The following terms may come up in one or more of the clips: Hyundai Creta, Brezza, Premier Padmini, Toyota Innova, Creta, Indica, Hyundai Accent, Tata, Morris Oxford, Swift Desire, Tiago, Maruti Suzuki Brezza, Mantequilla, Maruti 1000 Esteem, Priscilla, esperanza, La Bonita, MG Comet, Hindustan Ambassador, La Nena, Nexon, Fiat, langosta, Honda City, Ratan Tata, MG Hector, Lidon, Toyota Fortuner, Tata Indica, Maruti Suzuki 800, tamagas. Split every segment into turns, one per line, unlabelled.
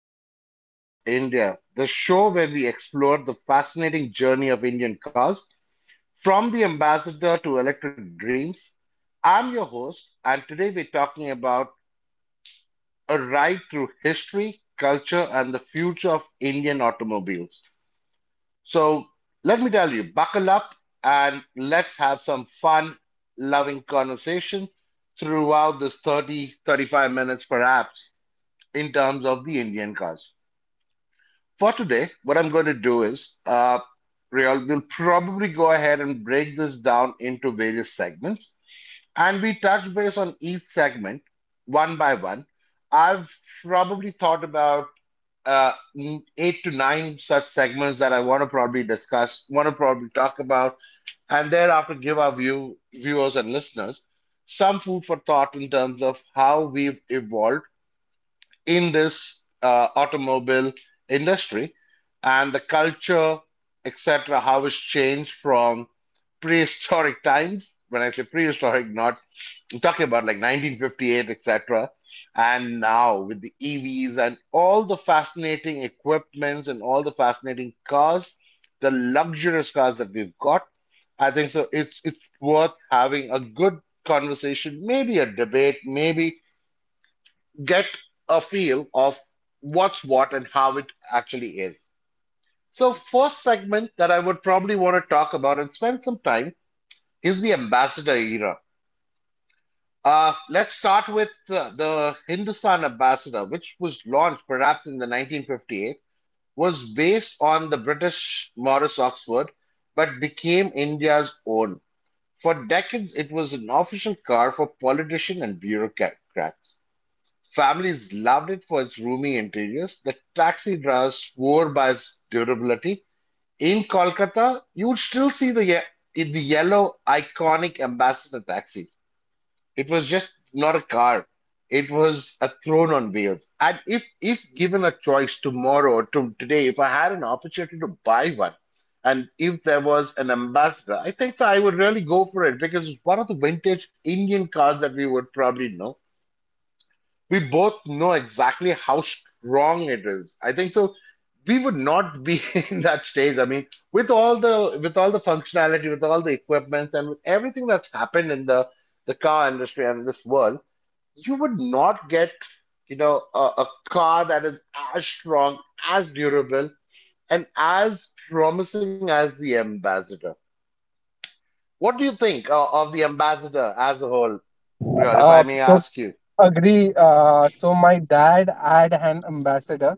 Welcome to Wheels of India, the show where we explore the fascinating journey of Indian cars from the ambassador to electric dreams. I'm your host, and today we're talking about a ride through history, culture, and the future of Indian automobiles. So, let me tell you, buckle up and let's have some fun, loving conversation throughout this 30 35 minutes perhaps in terms of the Indian cars. For today, what I'm going to do is, Real, we'll probably go ahead and break this down into various segments, and we touch base on each segment one by one. I've probably thought about uh, 8 to 9 such segments that I want to probably discuss, want to probably talk about, and thereafter give our view, viewers and listeners some food for thought in terms of how we've evolved in this automobile industry and the culture, etc., how it's changed from prehistoric times. When I say prehistoric, not I'm talking about like 1958, etc., and now with the EVs and all the fascinating equipments and all the fascinating cars, the luxurious cars that we've got. I think so. It's worth having a good conversation, maybe a debate, maybe get a feel of what's what and how it actually is. So, first segment that I would probably want to talk about and spend some time is the ambassador era. Let's start with the Hindustan ambassador, which was launched perhaps in the 1958, was based on the British Morris Oxford, but became India's own. For decades, it was an official car for politicians and bureaucrats. Families loved it for its roomy interiors. The taxi driver swore by its durability. In Kolkata, you would still see the in the yellow iconic ambassador taxi. It was just not a car. It was a throne on wheels. And if given a choice tomorrow or to today, if I had an opportunity to buy one, and if there was an ambassador, I think so I would really go for it because it's one of the vintage Indian cars that we would probably know we both know exactly how strong it is. I think so. We would not be in that stage. I mean, with all the functionality, with all the equipments, and with everything that's happened in the car industry and this world, you would not get you know a car that is as strong, as durable, and as promising as the Ambassador. What do you think of the Ambassador as a whole? You know, if
Uh,
I may
so
ask you.
Agree. So my dad had an ambassador.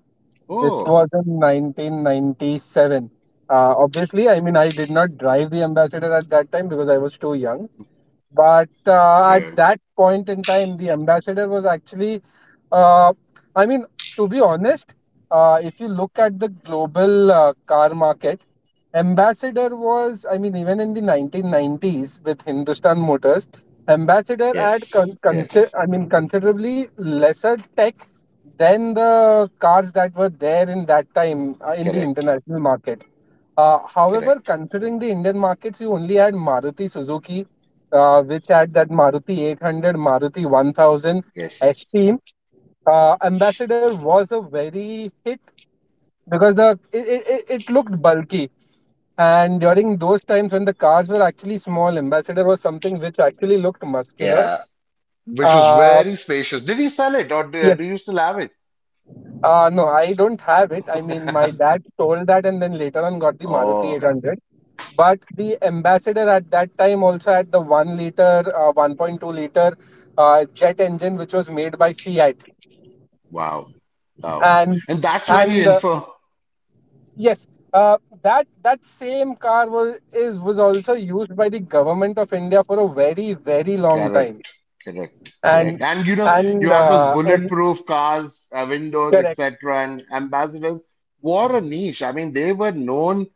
This
Oh,
was in 1997. Obviously, I mean, I did not drive the ambassador at that time because I was too young. But at
yeah.
that point in time, the ambassador was actually, uh, I mean, to be honest, if you look at the global car market, ambassador was, I mean, even in the 1990s with Hindustan Motors, ambassador had
Yes. Yes.
I mean, considerably lesser tech than the cars that were there in that time in the international market. However,
Correct.
considering the Indian markets, you only had Maruti Suzuki, which had that Maruti 800, Maruti 1000
Yes.
Esteem. Ambassador was a very hit because the it, it, it it looked bulky. And during those times when the cars were actually small, Ambassador was something which actually looked muscular.
Yeah. Which was
Uh,
very spacious. Did he sell it or do, do
yes,
you still have it?
No, I don't have it. I mean, my dad stole that and then later on got the Maruti
Oh,
800. But the ambassador at that time also had the 1 liter, 1.2 liter jet engine, which was made by Fiat.
wow. Wow.
And
And that's where he
and
info.
Yes, that same car was also used by the government of India for a very long time.
Correct, correct, correct.
And
And you know, you had those
and
bulletproof cars, windows,
Correct,
etc. And ambassadors wore a niche. I mean, they were known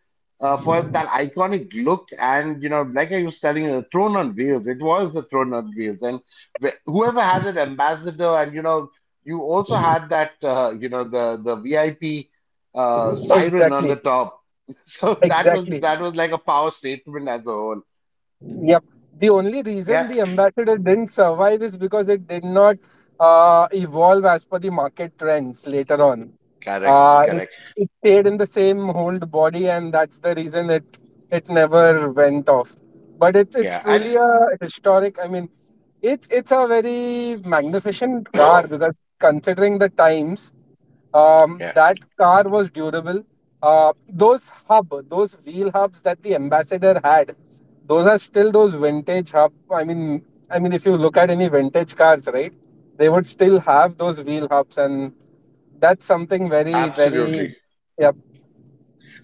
for that iconic look. And you know, like I was telling you, the throne on wheels. It was the throne on wheels. And wh whoever had an ambassador, and you know, you also had that, you know, the VIP siren on
exactly,
the top. So
exactly.
that was like a power statement as a whole.
Yep. The only reason
Yeah,
the ambassador didn't survive is because it did not evolve as per the market trends later on.
correct,
Uh, it,
correct.
it stayed in the same old body, and that's the reason it never went off. But it's
Yeah, and.
truly a historic. I mean, it's a very magnificent car because considering the times.
Yeah,
That car was durable. Those wheel hubs that the Ambassador had, those are still those vintage hub. I mean, if you look at any vintage cars, right, they would still have those wheel hubs, and that's something very, very,
absolutely.
yep.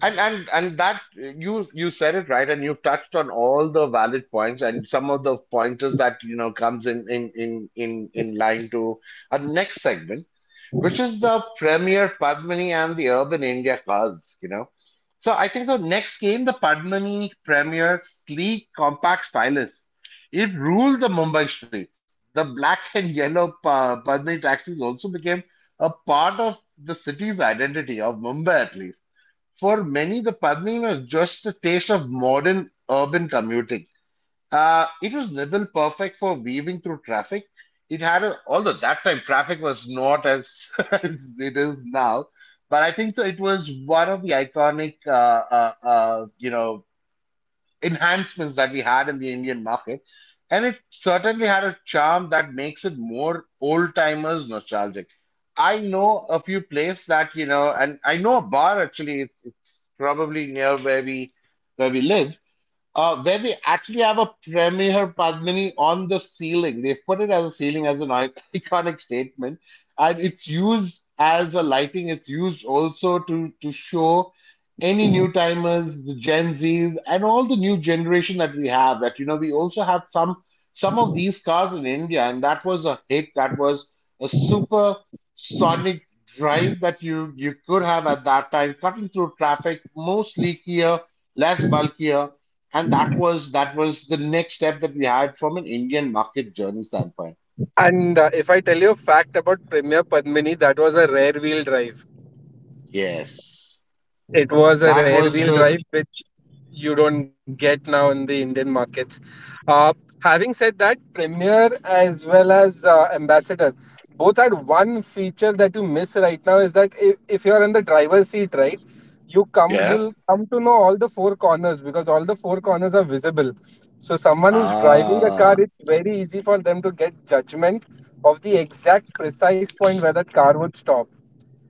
And that you said it right, and you've touched on all the valid points and some of the pointers that you know comes in line to our next segment, which is the premier Padmani and the Urban India cause, you know. So I think the next game, the Padmani Premier sleek compact stylus, it ruled the Mumbai streets. The black and yellow Padmani taxis also became a part of the city's identity of Mumbai at least. For many, the Padmani was just a taste of modern urban commuting. It was nibble perfect for weaving through traffic. It had a, although that time traffic was not as, as it is now, but I think so it was one of the iconic you know enhancements that we had in the Indian market, and it certainly had a charm that makes it more old timers nostalgic. I know a few places that you know, and I know a bar actually. It's probably near where we live where they actually have a Premier Padmini on the ceiling. They've put it as a ceiling as an iconic statement, and it's used as a lighting. It's used also to show any new timers, the Gen Zs, and all the new generation that we have. That you know, we also had some of these cars in India, and that was a hit. That was a super sonic drive that you could have at that time, cutting through traffic, most leakier, less bulkier and that was the next step that we had from an Indian market journey standpoint.
And if I tell you a fact about Premier Padmini, that was a rear wheel drive.
Yes.
It was a
That
rear
was
wheel drive, which you don't get now in the Indian markets. Uh, Having said that, Premier as well as Ambassador both had one feature that you miss right now is that if you're in the driver's seat, right,
yeah.
you'll come to know all the four corners because all the four corners are visible. So someone who's driving a
Ah.
car, it's very easy for them to get judgment of the exact precise point where that car would stop,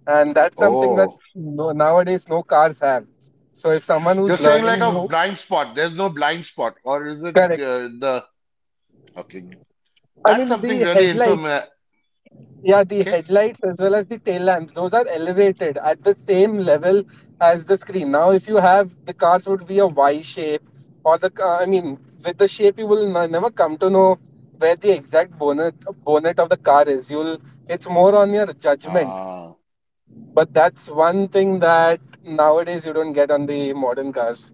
and that's something that
Oh.
nowadays no cars have. So if someone
You're
who's
saying
learning
like a
new,
blind spot. There's no blind spot, or is it
correct,
the okay?
I
That's
mean
something
the
really
headlight,
inform.
yeah, the
Okay.
headlights as well as the tail lamps, those are elevated at the same level as the screen. Now if you have, the cars would be a Y shape or the I mean, with the shape you will never come to know where the exact bonnet of the car is, you'll it's more on your judgment.
Ah.
But that's one thing that nowadays you don't get on the modern cars.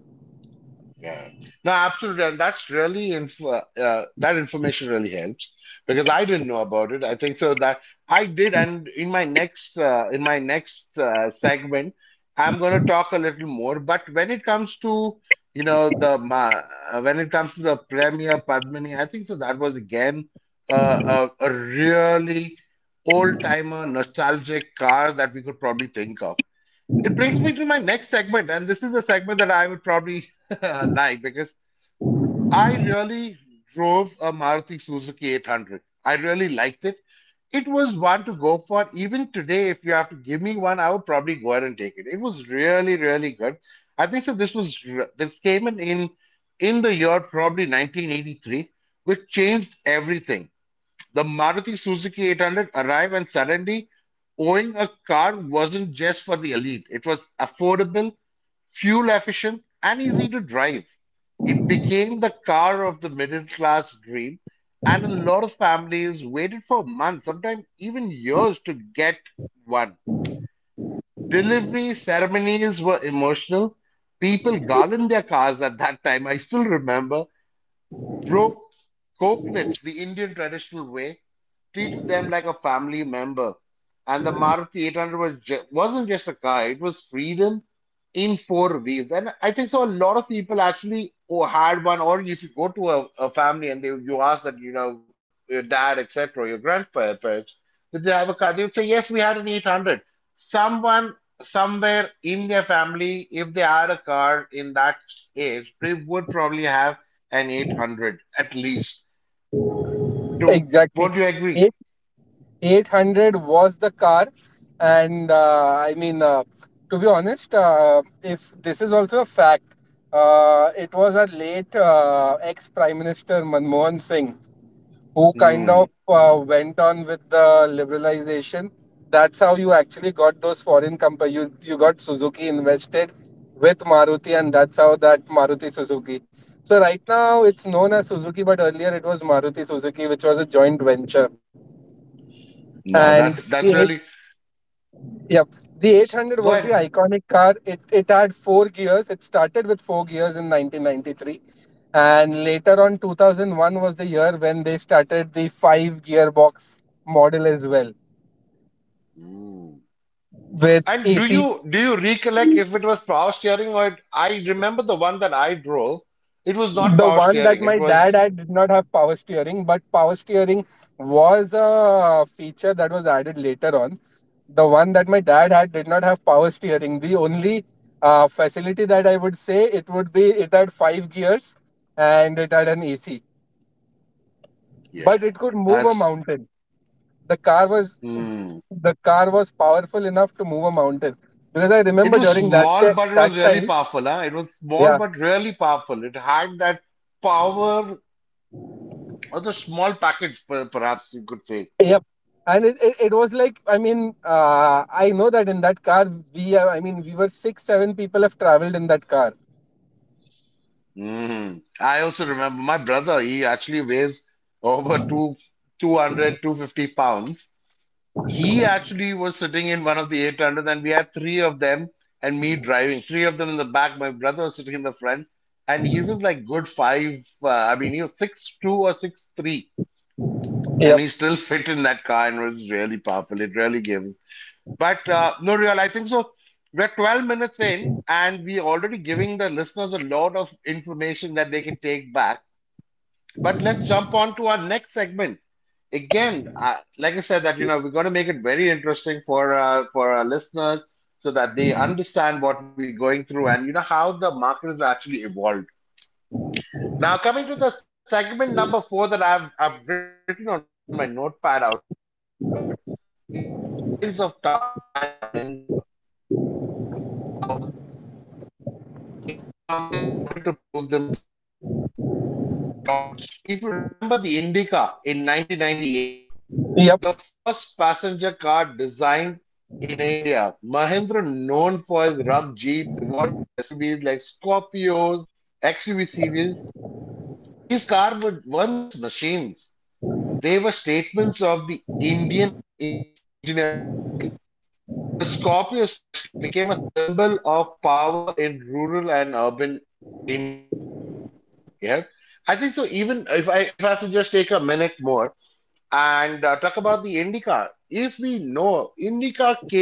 Yeah. No, absolutely. And that's really info, that information really helps because I didn't know about it. I think so that I did. And in my next, segment, I'm going to talk a little more. But when it comes to, you know, when it comes to the Premier Padmini, I think so that was again a really old timer nostalgic car that we could probably think of. It brings me to my next segment, and this is the segment that I would probably like because I really drove a Maruti Suzuki 800. I really liked it. It was one to go for. Even today, if you have to give me one, I would probably go ahead and take it. It was really, really good. I think so. This was this came in the year probably 1983, which changed everything. The Maruti Suzuki 800 arrived, and suddenly owning a car wasn't just for the elite. It was affordable fuel efficient, and easy to drive. It became the car of the middle class dream, and a lot of families waited for months, sometimes even years, to get one. Delivery ceremonies were emotional. People garlanded their cars at that time. I still remember. Broke coconuts the Indian traditional way, treated them like a family member. And the Maruti 800 was wasn't just a car, it was freedom in 4 weeks. And I think so. A lot of people actually who had one, or if you go to a family and they you ask that you know your dad, etc., your grandparents, did they have a car? They would say yes, we had an 800. Someone somewhere in their family, if they had a car in that age, they would probably have an 800 at least. Do
Exactly.
what do you agree?
Eight, 800 was the car. And I mean, to be honest, if this is also a fact, it was our late ex Prime Minister Manmohan Singh who kind of
Mm,
went on with the liberalization. That's how you actually got those foreign companies. You got Suzuki invested with Maruti, and that's how that Maruti Suzuki. So right now it's known as Suzuki, but earlier it was Maruti Suzuki, which was a joint venture.
no,
And the
that's
eight,
really.
yep, The 800
Go
was the
ahead.
iconic car. It had four gears. It started with four gears in 1993, and later on 2001 was the year when they started the five gearbox model as well
Mm.
with
And
AC.
do you recollect if it was power steering or it, I remember the one that I drove, it was
The
not power
one that my
steering. It
dad had
was
did not have power steering, but power steering was a feature that was added later on. The one that my dad had did not have power steering. The only facility that I would say it would be, it had five gears and it had an AC,
yeah,
but it could move a
that's
mountain. The car was
hmm.
the car was powerful enough to move a mountain because I
It
remember
was
during that
small, but it
that
was really
time.
powerful, huh? It was small
Yeah.
but really powerful. It had that power or the small package, perhaps you could say.
Yep. And it was like, I mean, I know that in that car, I mean, we were six, seven people have traveled in that car.
Hmm. I also remember my brother, he actually weighs over two hundred two hundred fifty pounds. He actually was sitting in one of the 800 and we had three of them and me driving three of them in the back. My brother was sitting in the front and he was like good five I mean he was 6'2" or 6'3" and
Yep.
he still fit in that car and was really powerful. It really gave us but no real I think so we're 12 minutes in and we're already giving the listeners a lot of information that they can take back, but let's jump on to our next segment again, like I said, that you know we're going to make it very interesting for our listeners so that they understand what we're going through and you know how the market has actually evolved. Now, coming to the segment number 4 that I've written on my notepad out here is the rise of Tata and Mahindra. Now, in the 90s, Indian companies wanted to prove themselves. Tata launched, if you remember, the Indica in 1998, the
Yep.
first passenger car designed in India. Mahindra, known for his rough jeeps, evolved into SUVs like Scorpios, XUV series. These cars weren't just machines, they were statements of the Indian engineering pride. The Scorpio, especially, became a symbol of power in rural and urban India. Yeah. I think so. Even if I have to just take a minute more, and talk about the IndyCar. If we know IndyCar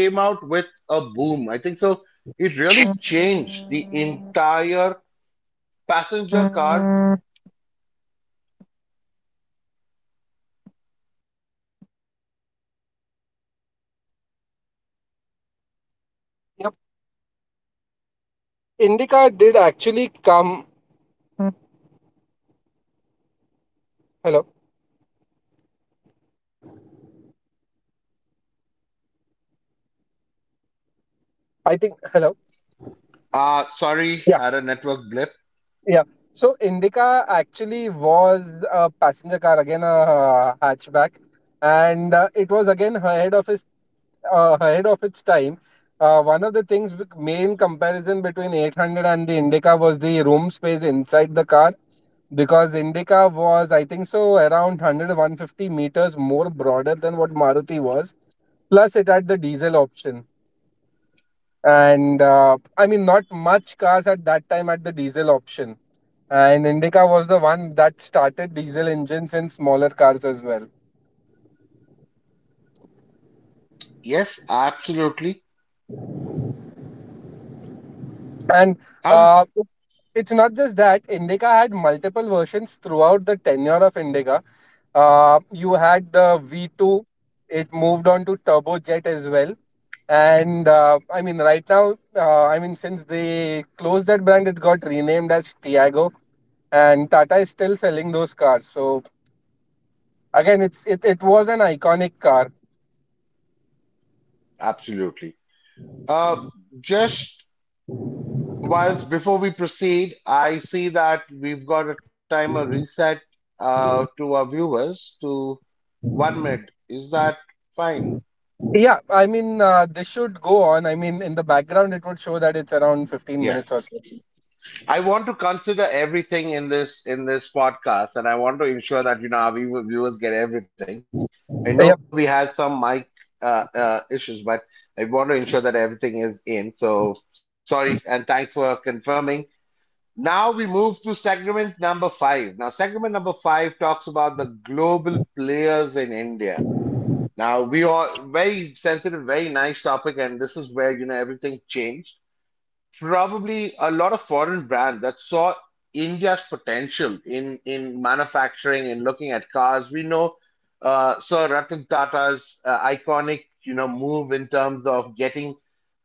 I think hello.
Sorry, had a network blip.
So Indica actually was a passenger car again, a hatchback, and it was again ahead of its time. One of the things with main comparison between 800 and the Indica was the room space inside the car, because Indica was I think so around one hundred one hundred fifty meters more broader than what Maruti was. Plus, it had the diesel option. And I mean, not much cars at that time had the diesel option, and Indica was the one that started diesel engines in smaller cars as well.
Yes, absolutely.
And
Um,
uh, it's it's not just that Indica had multiple versions throughout the tenure of Indica. You had the V2, it moved on to turbojet as well. And I mean, right now, I mean, since they closed that brand, it got renamed as Tiago, and Tata is still selling those cars. So again, it was an iconic car.
absolutely. Uh, just whilst before we proceed, I see that we've got a timer reset to our viewers to 1 minute. Is that fine?
Yeah, I mean, this should go on. I mean, in the background, it would show that it's around 15
Yeah.
minutes or so.
I want to consider everything in this podcast, and I want to ensure that you know our viewers get everything. I know we
Yeah.
had some mic issues, but I want to ensure that everything is in. So sorry, and thanks for confirming. Now we move to segment number five. Now segment number five talks about the global players in India. Now we are very sensitive, very nice topic, and this is where you know everything changed probably a lot of foreign brands that saw India's potential in manufacturing and looking at cars. We know Sir Ratan Tata's iconic, you know, move in terms of getting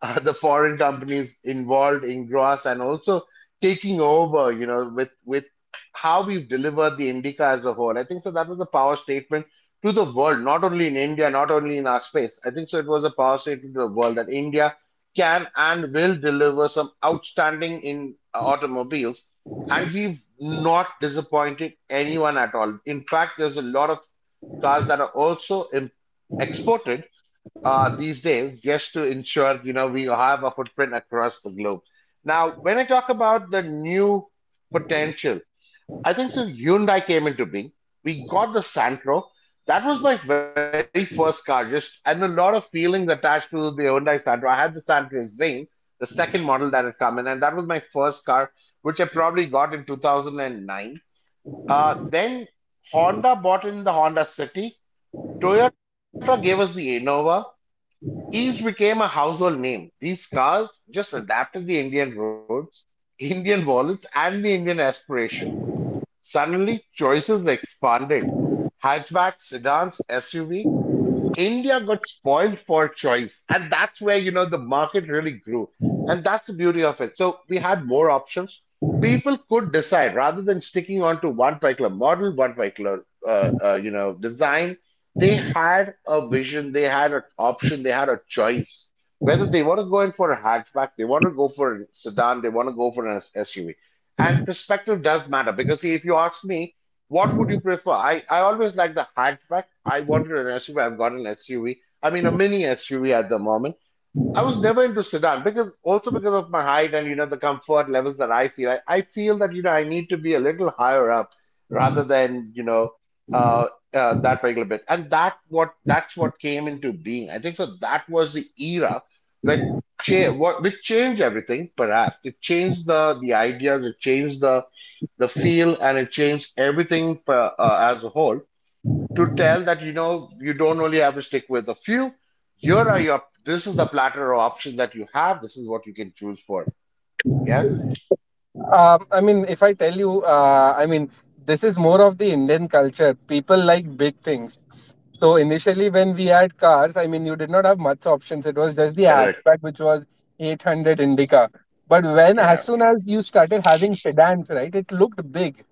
the foreign companies involved in gross and also taking over, you know, with how we've delivered the Indica as a whole. I think so that was a power statement to the world, not only in India, not only in our space. I think so it was a power statement to the world that India can and will deliver some outstanding in automobiles and we've not disappointed anyone at all in there's a lot of cars that are also exported these days just to ensure you know we have a footprint across the globe. Now when I talk about the new potential, I think since Hyundai came into being, we got the Santro. That was my very first car, just and a lot of feelings attached to the Hyundai Santro. I had the Santro Zing, the second model that had come in, and that was my first car, which I probably got in 2009. Then Honda bought in the Honda City. Toyota gave us the Innova. Each became a household name. These cars just adapted the Indian roads, Indian wallets, and the Indian aspirations. Suddenly, choices expanded: hatchbacks, sedans, SUV. India got spoiled for choice, and that's where you know the market really grew, and that's the beauty of it. So we had more options. People could decide rather than sticking on to one particular model, one particular you know design. They had a vision, they had an option, they had a choice. Whether they want to go in for a hatchback, they want to go for a sedan, they want to go for an SUV. And perspective does matter because see, if you ask me, what would you prefer? I always like the hatchback. I wanted an SUV. I've got an SUV. I mean, a mini SUV at the moment. I was never into sedan because also because of my height and you know the comfort levels that I feel. I feel that you know I need to be a little higher up rather than you know uh, that regular bit. And that's what came into being. I think so. That was the era where cha- what which changed everything. Perhaps it changed the ideas. It changed the feel and it changed everything as a whole to tell that you know you don't only have to stick with a few, here are your, this is the platter of option that you have, this is what you can choose for. Yeah,
I mean, if I tell you, I mean, this is more of the Indian culture. People like big things. So initially, when we had cars, I mean, you did not have much options. It was just the
correct.
hatchback, which was 800 Indica. But when, as
Yeah,
soon as you started having sedans, right, it looked big,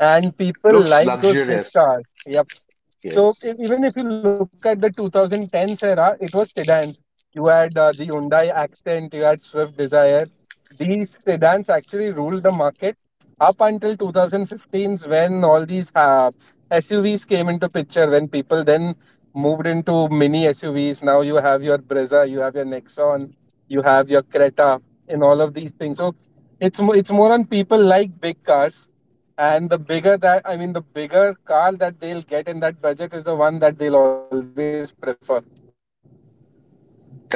and people
looks
like those big cars.
luxurious.
Yep. So if,
Yes.
even if you look at the 2010s era, it was sedans. You had the Hyundai Accent, you had Swift Desire. These sedans actually ruled the market up until 2015 when all these SUVs came into picture, when people then moved into mini SUVs. Now you have your Brezza, you have your Nexon, you have your Creta, and all of these things. So it's more on people like big cars. And I mean, the bigger car that they'll get in that budget is the one that they'll always prefer.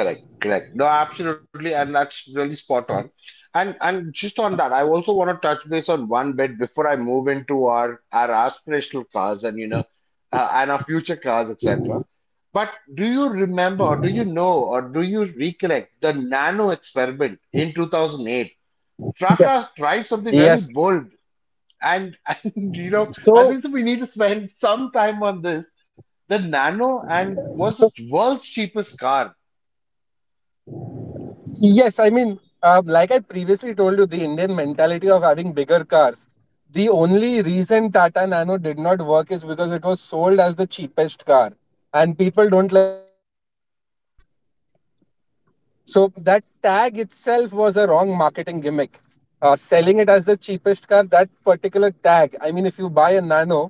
Correct, correct. No, absolutely, and that's really spot on. And just on that, I also want to touch base on one bit before I move into our aspirational cars and you know and our future cars, etc. But do you remember, or do you know, or do you recollect the nano experiment in 2008?
Yeah.
Tata tried something really
Yes.
bold, and and you know I
So
think so we need to spend some time on this. The nano and was the
So,
world's cheapest car.
yes, I mean, like I previously told you, the Indian mentality of having bigger cars. The only reason Tata Nano did not work is because it was sold as the cheapest car, and people don't like cheap. So that tag itself was a wrong marketing gimmick. Selling it as the cheapest car, that particular tag. I mean, if you a Nano,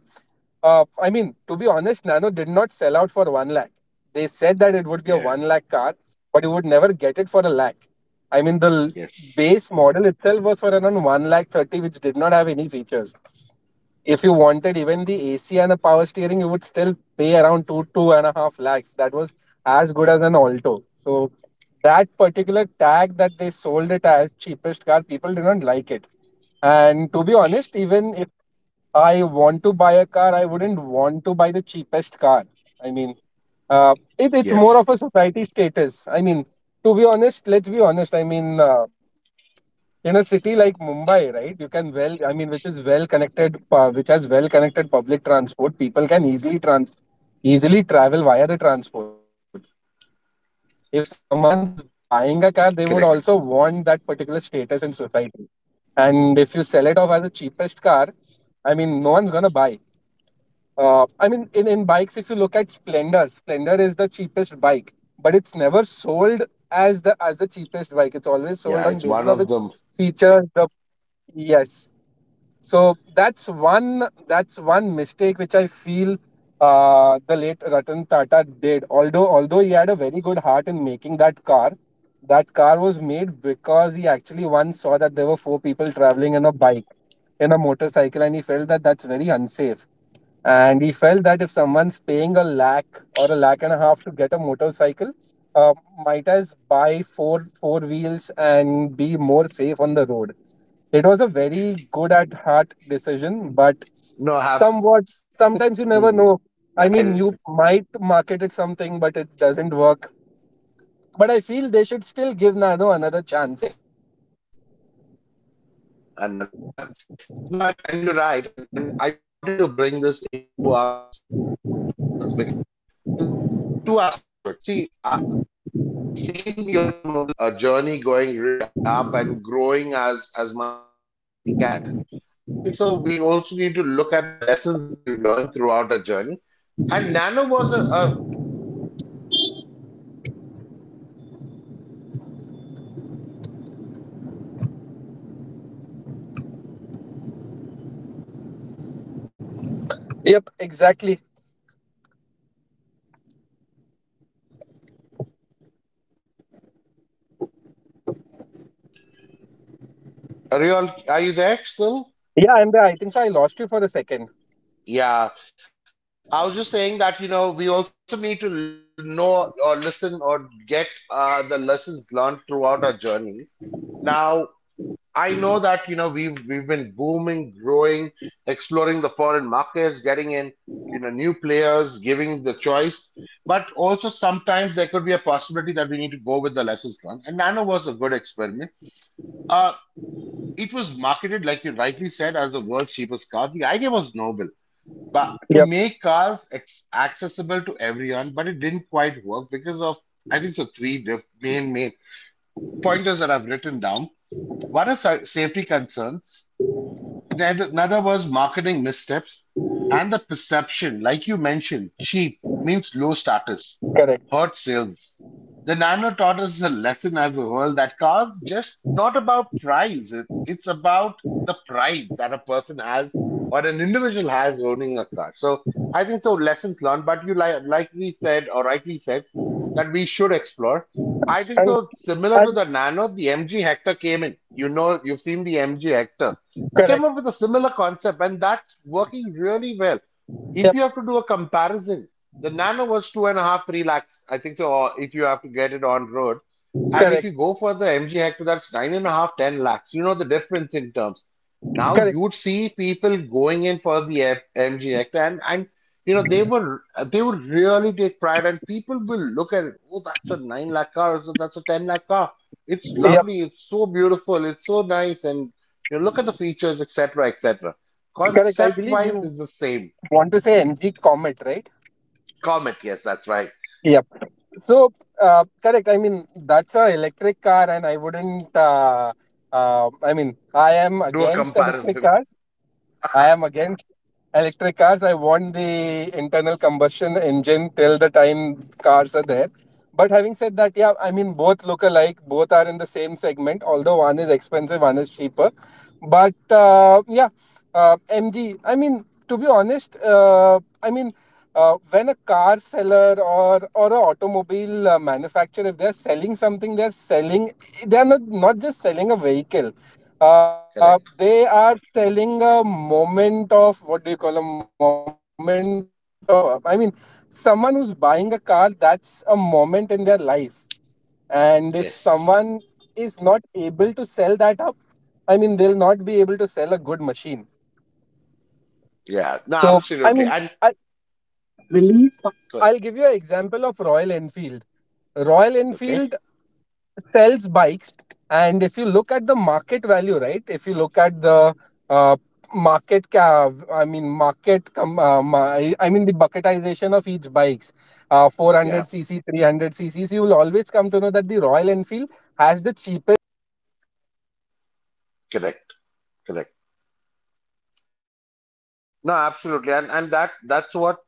I mean, to be honest, Nano did not sell out for one lakh. They said that it would be a one
Yeah.
lakh car, but you would never get it for a lakh. I mean,
Yes.
base model itself was for around one lakh 30, which did not have any features. If you wanted even the AC and the power steering, you would still pay around two, two and a half lakhs. That was as good as an Alto. So that particular tag, that they sold it as cheapest car, people did not like it. And to be honest, even if I want buy a car, I wouldn't want to buy the cheapest car. I mean, it's
Yes,
more of a society status. I mean, to be honest, let's be honest. I mean, in a city like Mumbai, right, I mean, which is well connected, which has well connected public transport, people can easily easily travel via the transport. If someone's buying a car, they would also want that particular
correct.
status in society. And if you sell it off as the cheapest car, I mean, no one's gonna buy. I mean, in bikes, if you look at Splendor, Splendor is the cheapest bike, but it's never sold as the cheapest bike. It's always sold on basis of
Yeah, it's
its
one of them.
features, the. Yes. So that's one mistake which I feel the late Ratan Tata did. Although he had a very good heart in making that car was made because he actually once saw that there were four people traveling in a bike, in a motorcycle, and he felt that that's very unsafe, and he felt that if someone's paying a lakh or a lakh and a half to get a motorcycle, uh, might as buy four four wheels and be more safe on the road. It was a very good at heart decision, but
No, I have
somewhat
I
sometimes you never know. I mean, you might market it something but it doesn't work. But I
yes,
feel they should
and
still give Nano another chance.
another chance. Yes, no, and you're right. And I wanted to bring this into our perspective and to the listeners because th there are two aspects to it. See, we've seen the automobile journey going really up and growing as much as we can. I think so. We also need to look at the lessons that we've learned throughout the journey.
Yep, exactly.
Are you, all,
Yeah,
are you
I'm there,
there
I think so I
still?
lost you for a second.
Yeah. I was just saying that, you know, we also need to know or listen or get the lessons learned throughout our journey. Now, I know that, you know, we've been booming, growing, exploring the foreign markets, in, you know, new players, giving the choice. But also sometimes there could be a possibility that we need to go with the lessons learned. And Nano was a good experiment. Uh, it was marketed, like you rightly said, as the world's cheapest car. The idea was noble to
Yep,
make cars ex accessible to everyone, but it didn't quite work because of I think so three diff main pointers that I've written down. One is safety concerns. Neither, another was marketing missteps and the perception, like you mentioned, cheap means low status,
correct.
hurt sales. The Nano taught us a lesson as a whole that cars just not about price, it's about the pride that a person has or an individual has owning a car. So I think so lessons learned, but you like we said or rightly said, that we should explore. I think
and,
so. Similar to
and
the Nano, the MG Hector came in. You know, you've seen the MG Hector. They came
correct,
up with a similar concept, and that's working really well. If
yep,
you have to do a comparison, the Nano was two and a half, three lakhs, I think so. Or if you have to it on road, and if
correct,
you go for the MG Hector, that's nine and a half, ten lakhs. You know the difference in terms now
correct.
you'd see people going in for the MGX and you know they were they would really take pride and people will look at it, oh, that's a 9 lakh car so that's a 10 lakh car, it's
Yep,
lovely, it's so beautiful, it's so nice and you know, look at the features etc etc,
correct. I
concept
believe
wise
you
is the same.
want to say MG Comet, right?
Comet, yes, that's right.
Yep. So, correct. I mean, that's a electric car, and I wouldn't. I mean, I am
Do a
against electric
comparison.
cars. I am against electric cars. I want the internal combustion engine till the time cars are there. But having said that, yeah, I mean, both look alike. Both are in the same segment, although one is expensive, one is cheaper. But yeah, MG.
Correct. Yes. Yeah, no, absolutely, and good. Okay. Yeah. Correct. Correct. No, absolutely, and that's what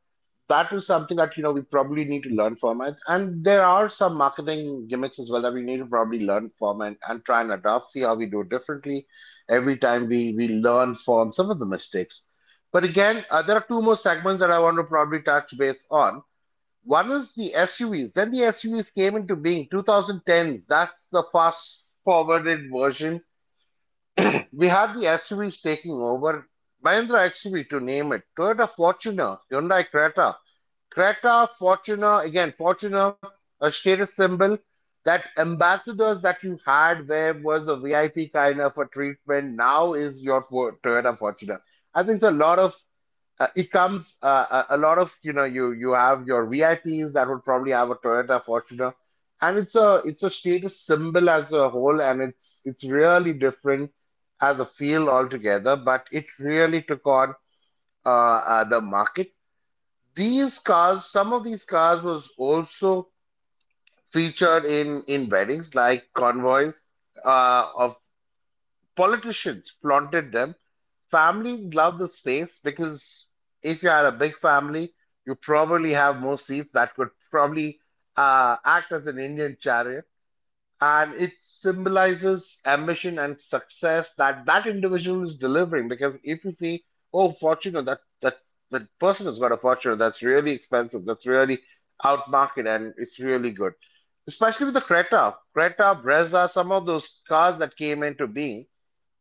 that you know we probably need to learn from it and there are some marketing gimmicks as well that we need to probably learn from and try see how we do it differently every time we learn from some of the mistakes. But again, there are two more segments that I want to probably touch base on. One is the SUVs, then the SUVs came into being 2010s, that's the fast forwarded version. Then we had the SUVs taking over. Mahindra XUV to name it. Toyota Fortuner, Hyundai Creta. Creta, Fortuner, again, Fortuner, a status symbol. That ambassadors that you had where was a VIP kind of a treatment now is your Toyota Fortuner. I think a lot of it comes a lot of you know you you have your VIPs that would probably have a Toyota Fortuner, and it's a status symbol as a whole, and it's really different as a feel altogether. But it really took on the market. These cars, some of these cars was also featured in weddings like convoys of politicians flaunted them. Family loved the space because if you had a big family, you probably have more seats that could probably act as an Indian chariot. And it symbolizes ambition and success that that individual is delivering. Because if you see, oh, Fortuner, that person has got a Fortuner that's really expensive, that's really out market, and it's really good, especially with the Creta, Creta, Brezza, some of those cars that came into being,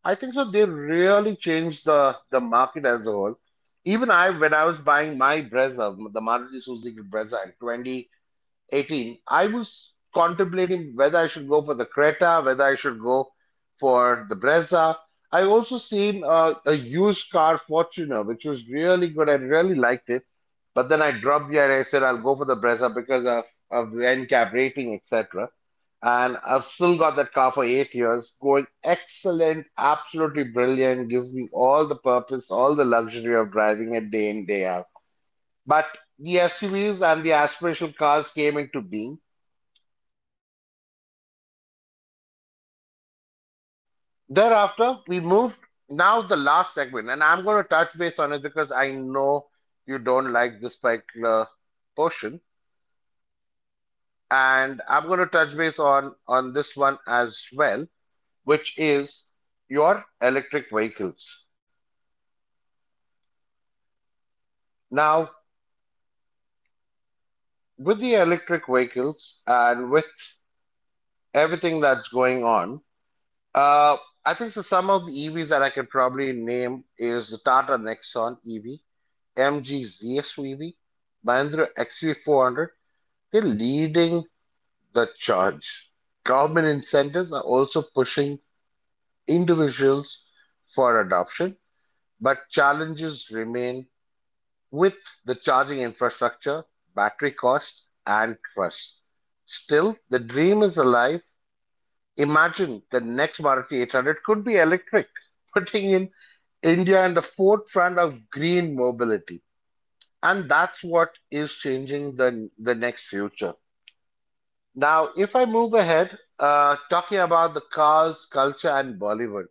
I think so. They really changed the market as a whole. Even I, when I was buying my Brezza, the Maruti Suzuki Brezza in 2018, I was contemplating whether I should go for the Creta, whether I should go for the Brezza. I also seen a used car Fortuner, which was really good. I really liked it, but then I dropped the idea. I said I'll go for the Brezza because of the NCAP rating, etc, and I've still got that car for 8 years, going excellent, absolutely brilliant, gives me all the purpose, all the luxury of driving it day in, day out. But the SUVs and the aspirational cars came into being. Thereafter, we moved. Now the last segment, and I'm going to touch base on it because I know you don't like this particular portion, and I'm going to touch base on this one as well, which is your electric vehicles. Now, with the electric vehicles and with everything that's going on, uh, I think so some of the EVs that I can probably name is the Tata Nexon EV, MG ZSUV, Mahindra XUV400. They're leading the charge. Government incentives are also pushing individuals for adoption, but challenges remain with the charging infrastructure, battery cost, and trust. Still, the dream is alive. Imagine the next Maruti 800 could be electric, putting in India in the forefront of green mobility. And that's what is changing the next future. Now, if I move ahead, talking about the cars, culture, and Bollywood,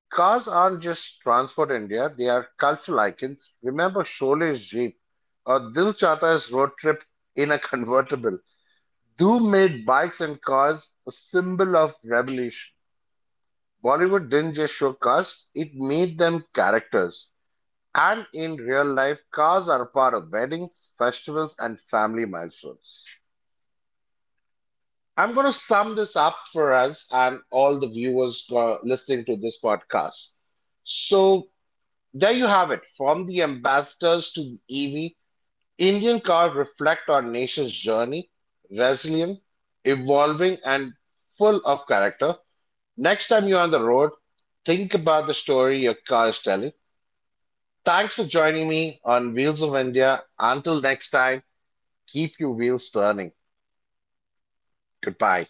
cars aren't just Transport India, they are cultural icons. Remember Shole's Jeep or Dil Chahta's road trip in a convertible. Doom made bikes and cars a symbol of revolution. Bollywood didn't just show cars, it made them characters. And in real life, cars are a part of weddings, festivals, and family milestones. I'm going to sum this up for us and all the viewers listening to this podcast. So, there you have it. From the ambassadors to the EV, Indian cars reflect our nation's journey, resilient, evolving, and full of character. Next time you're on the road, think about the story your car is telling. Thanks for joining me on Wheels of India. Until next time, keep your wheels turning. Goodbye.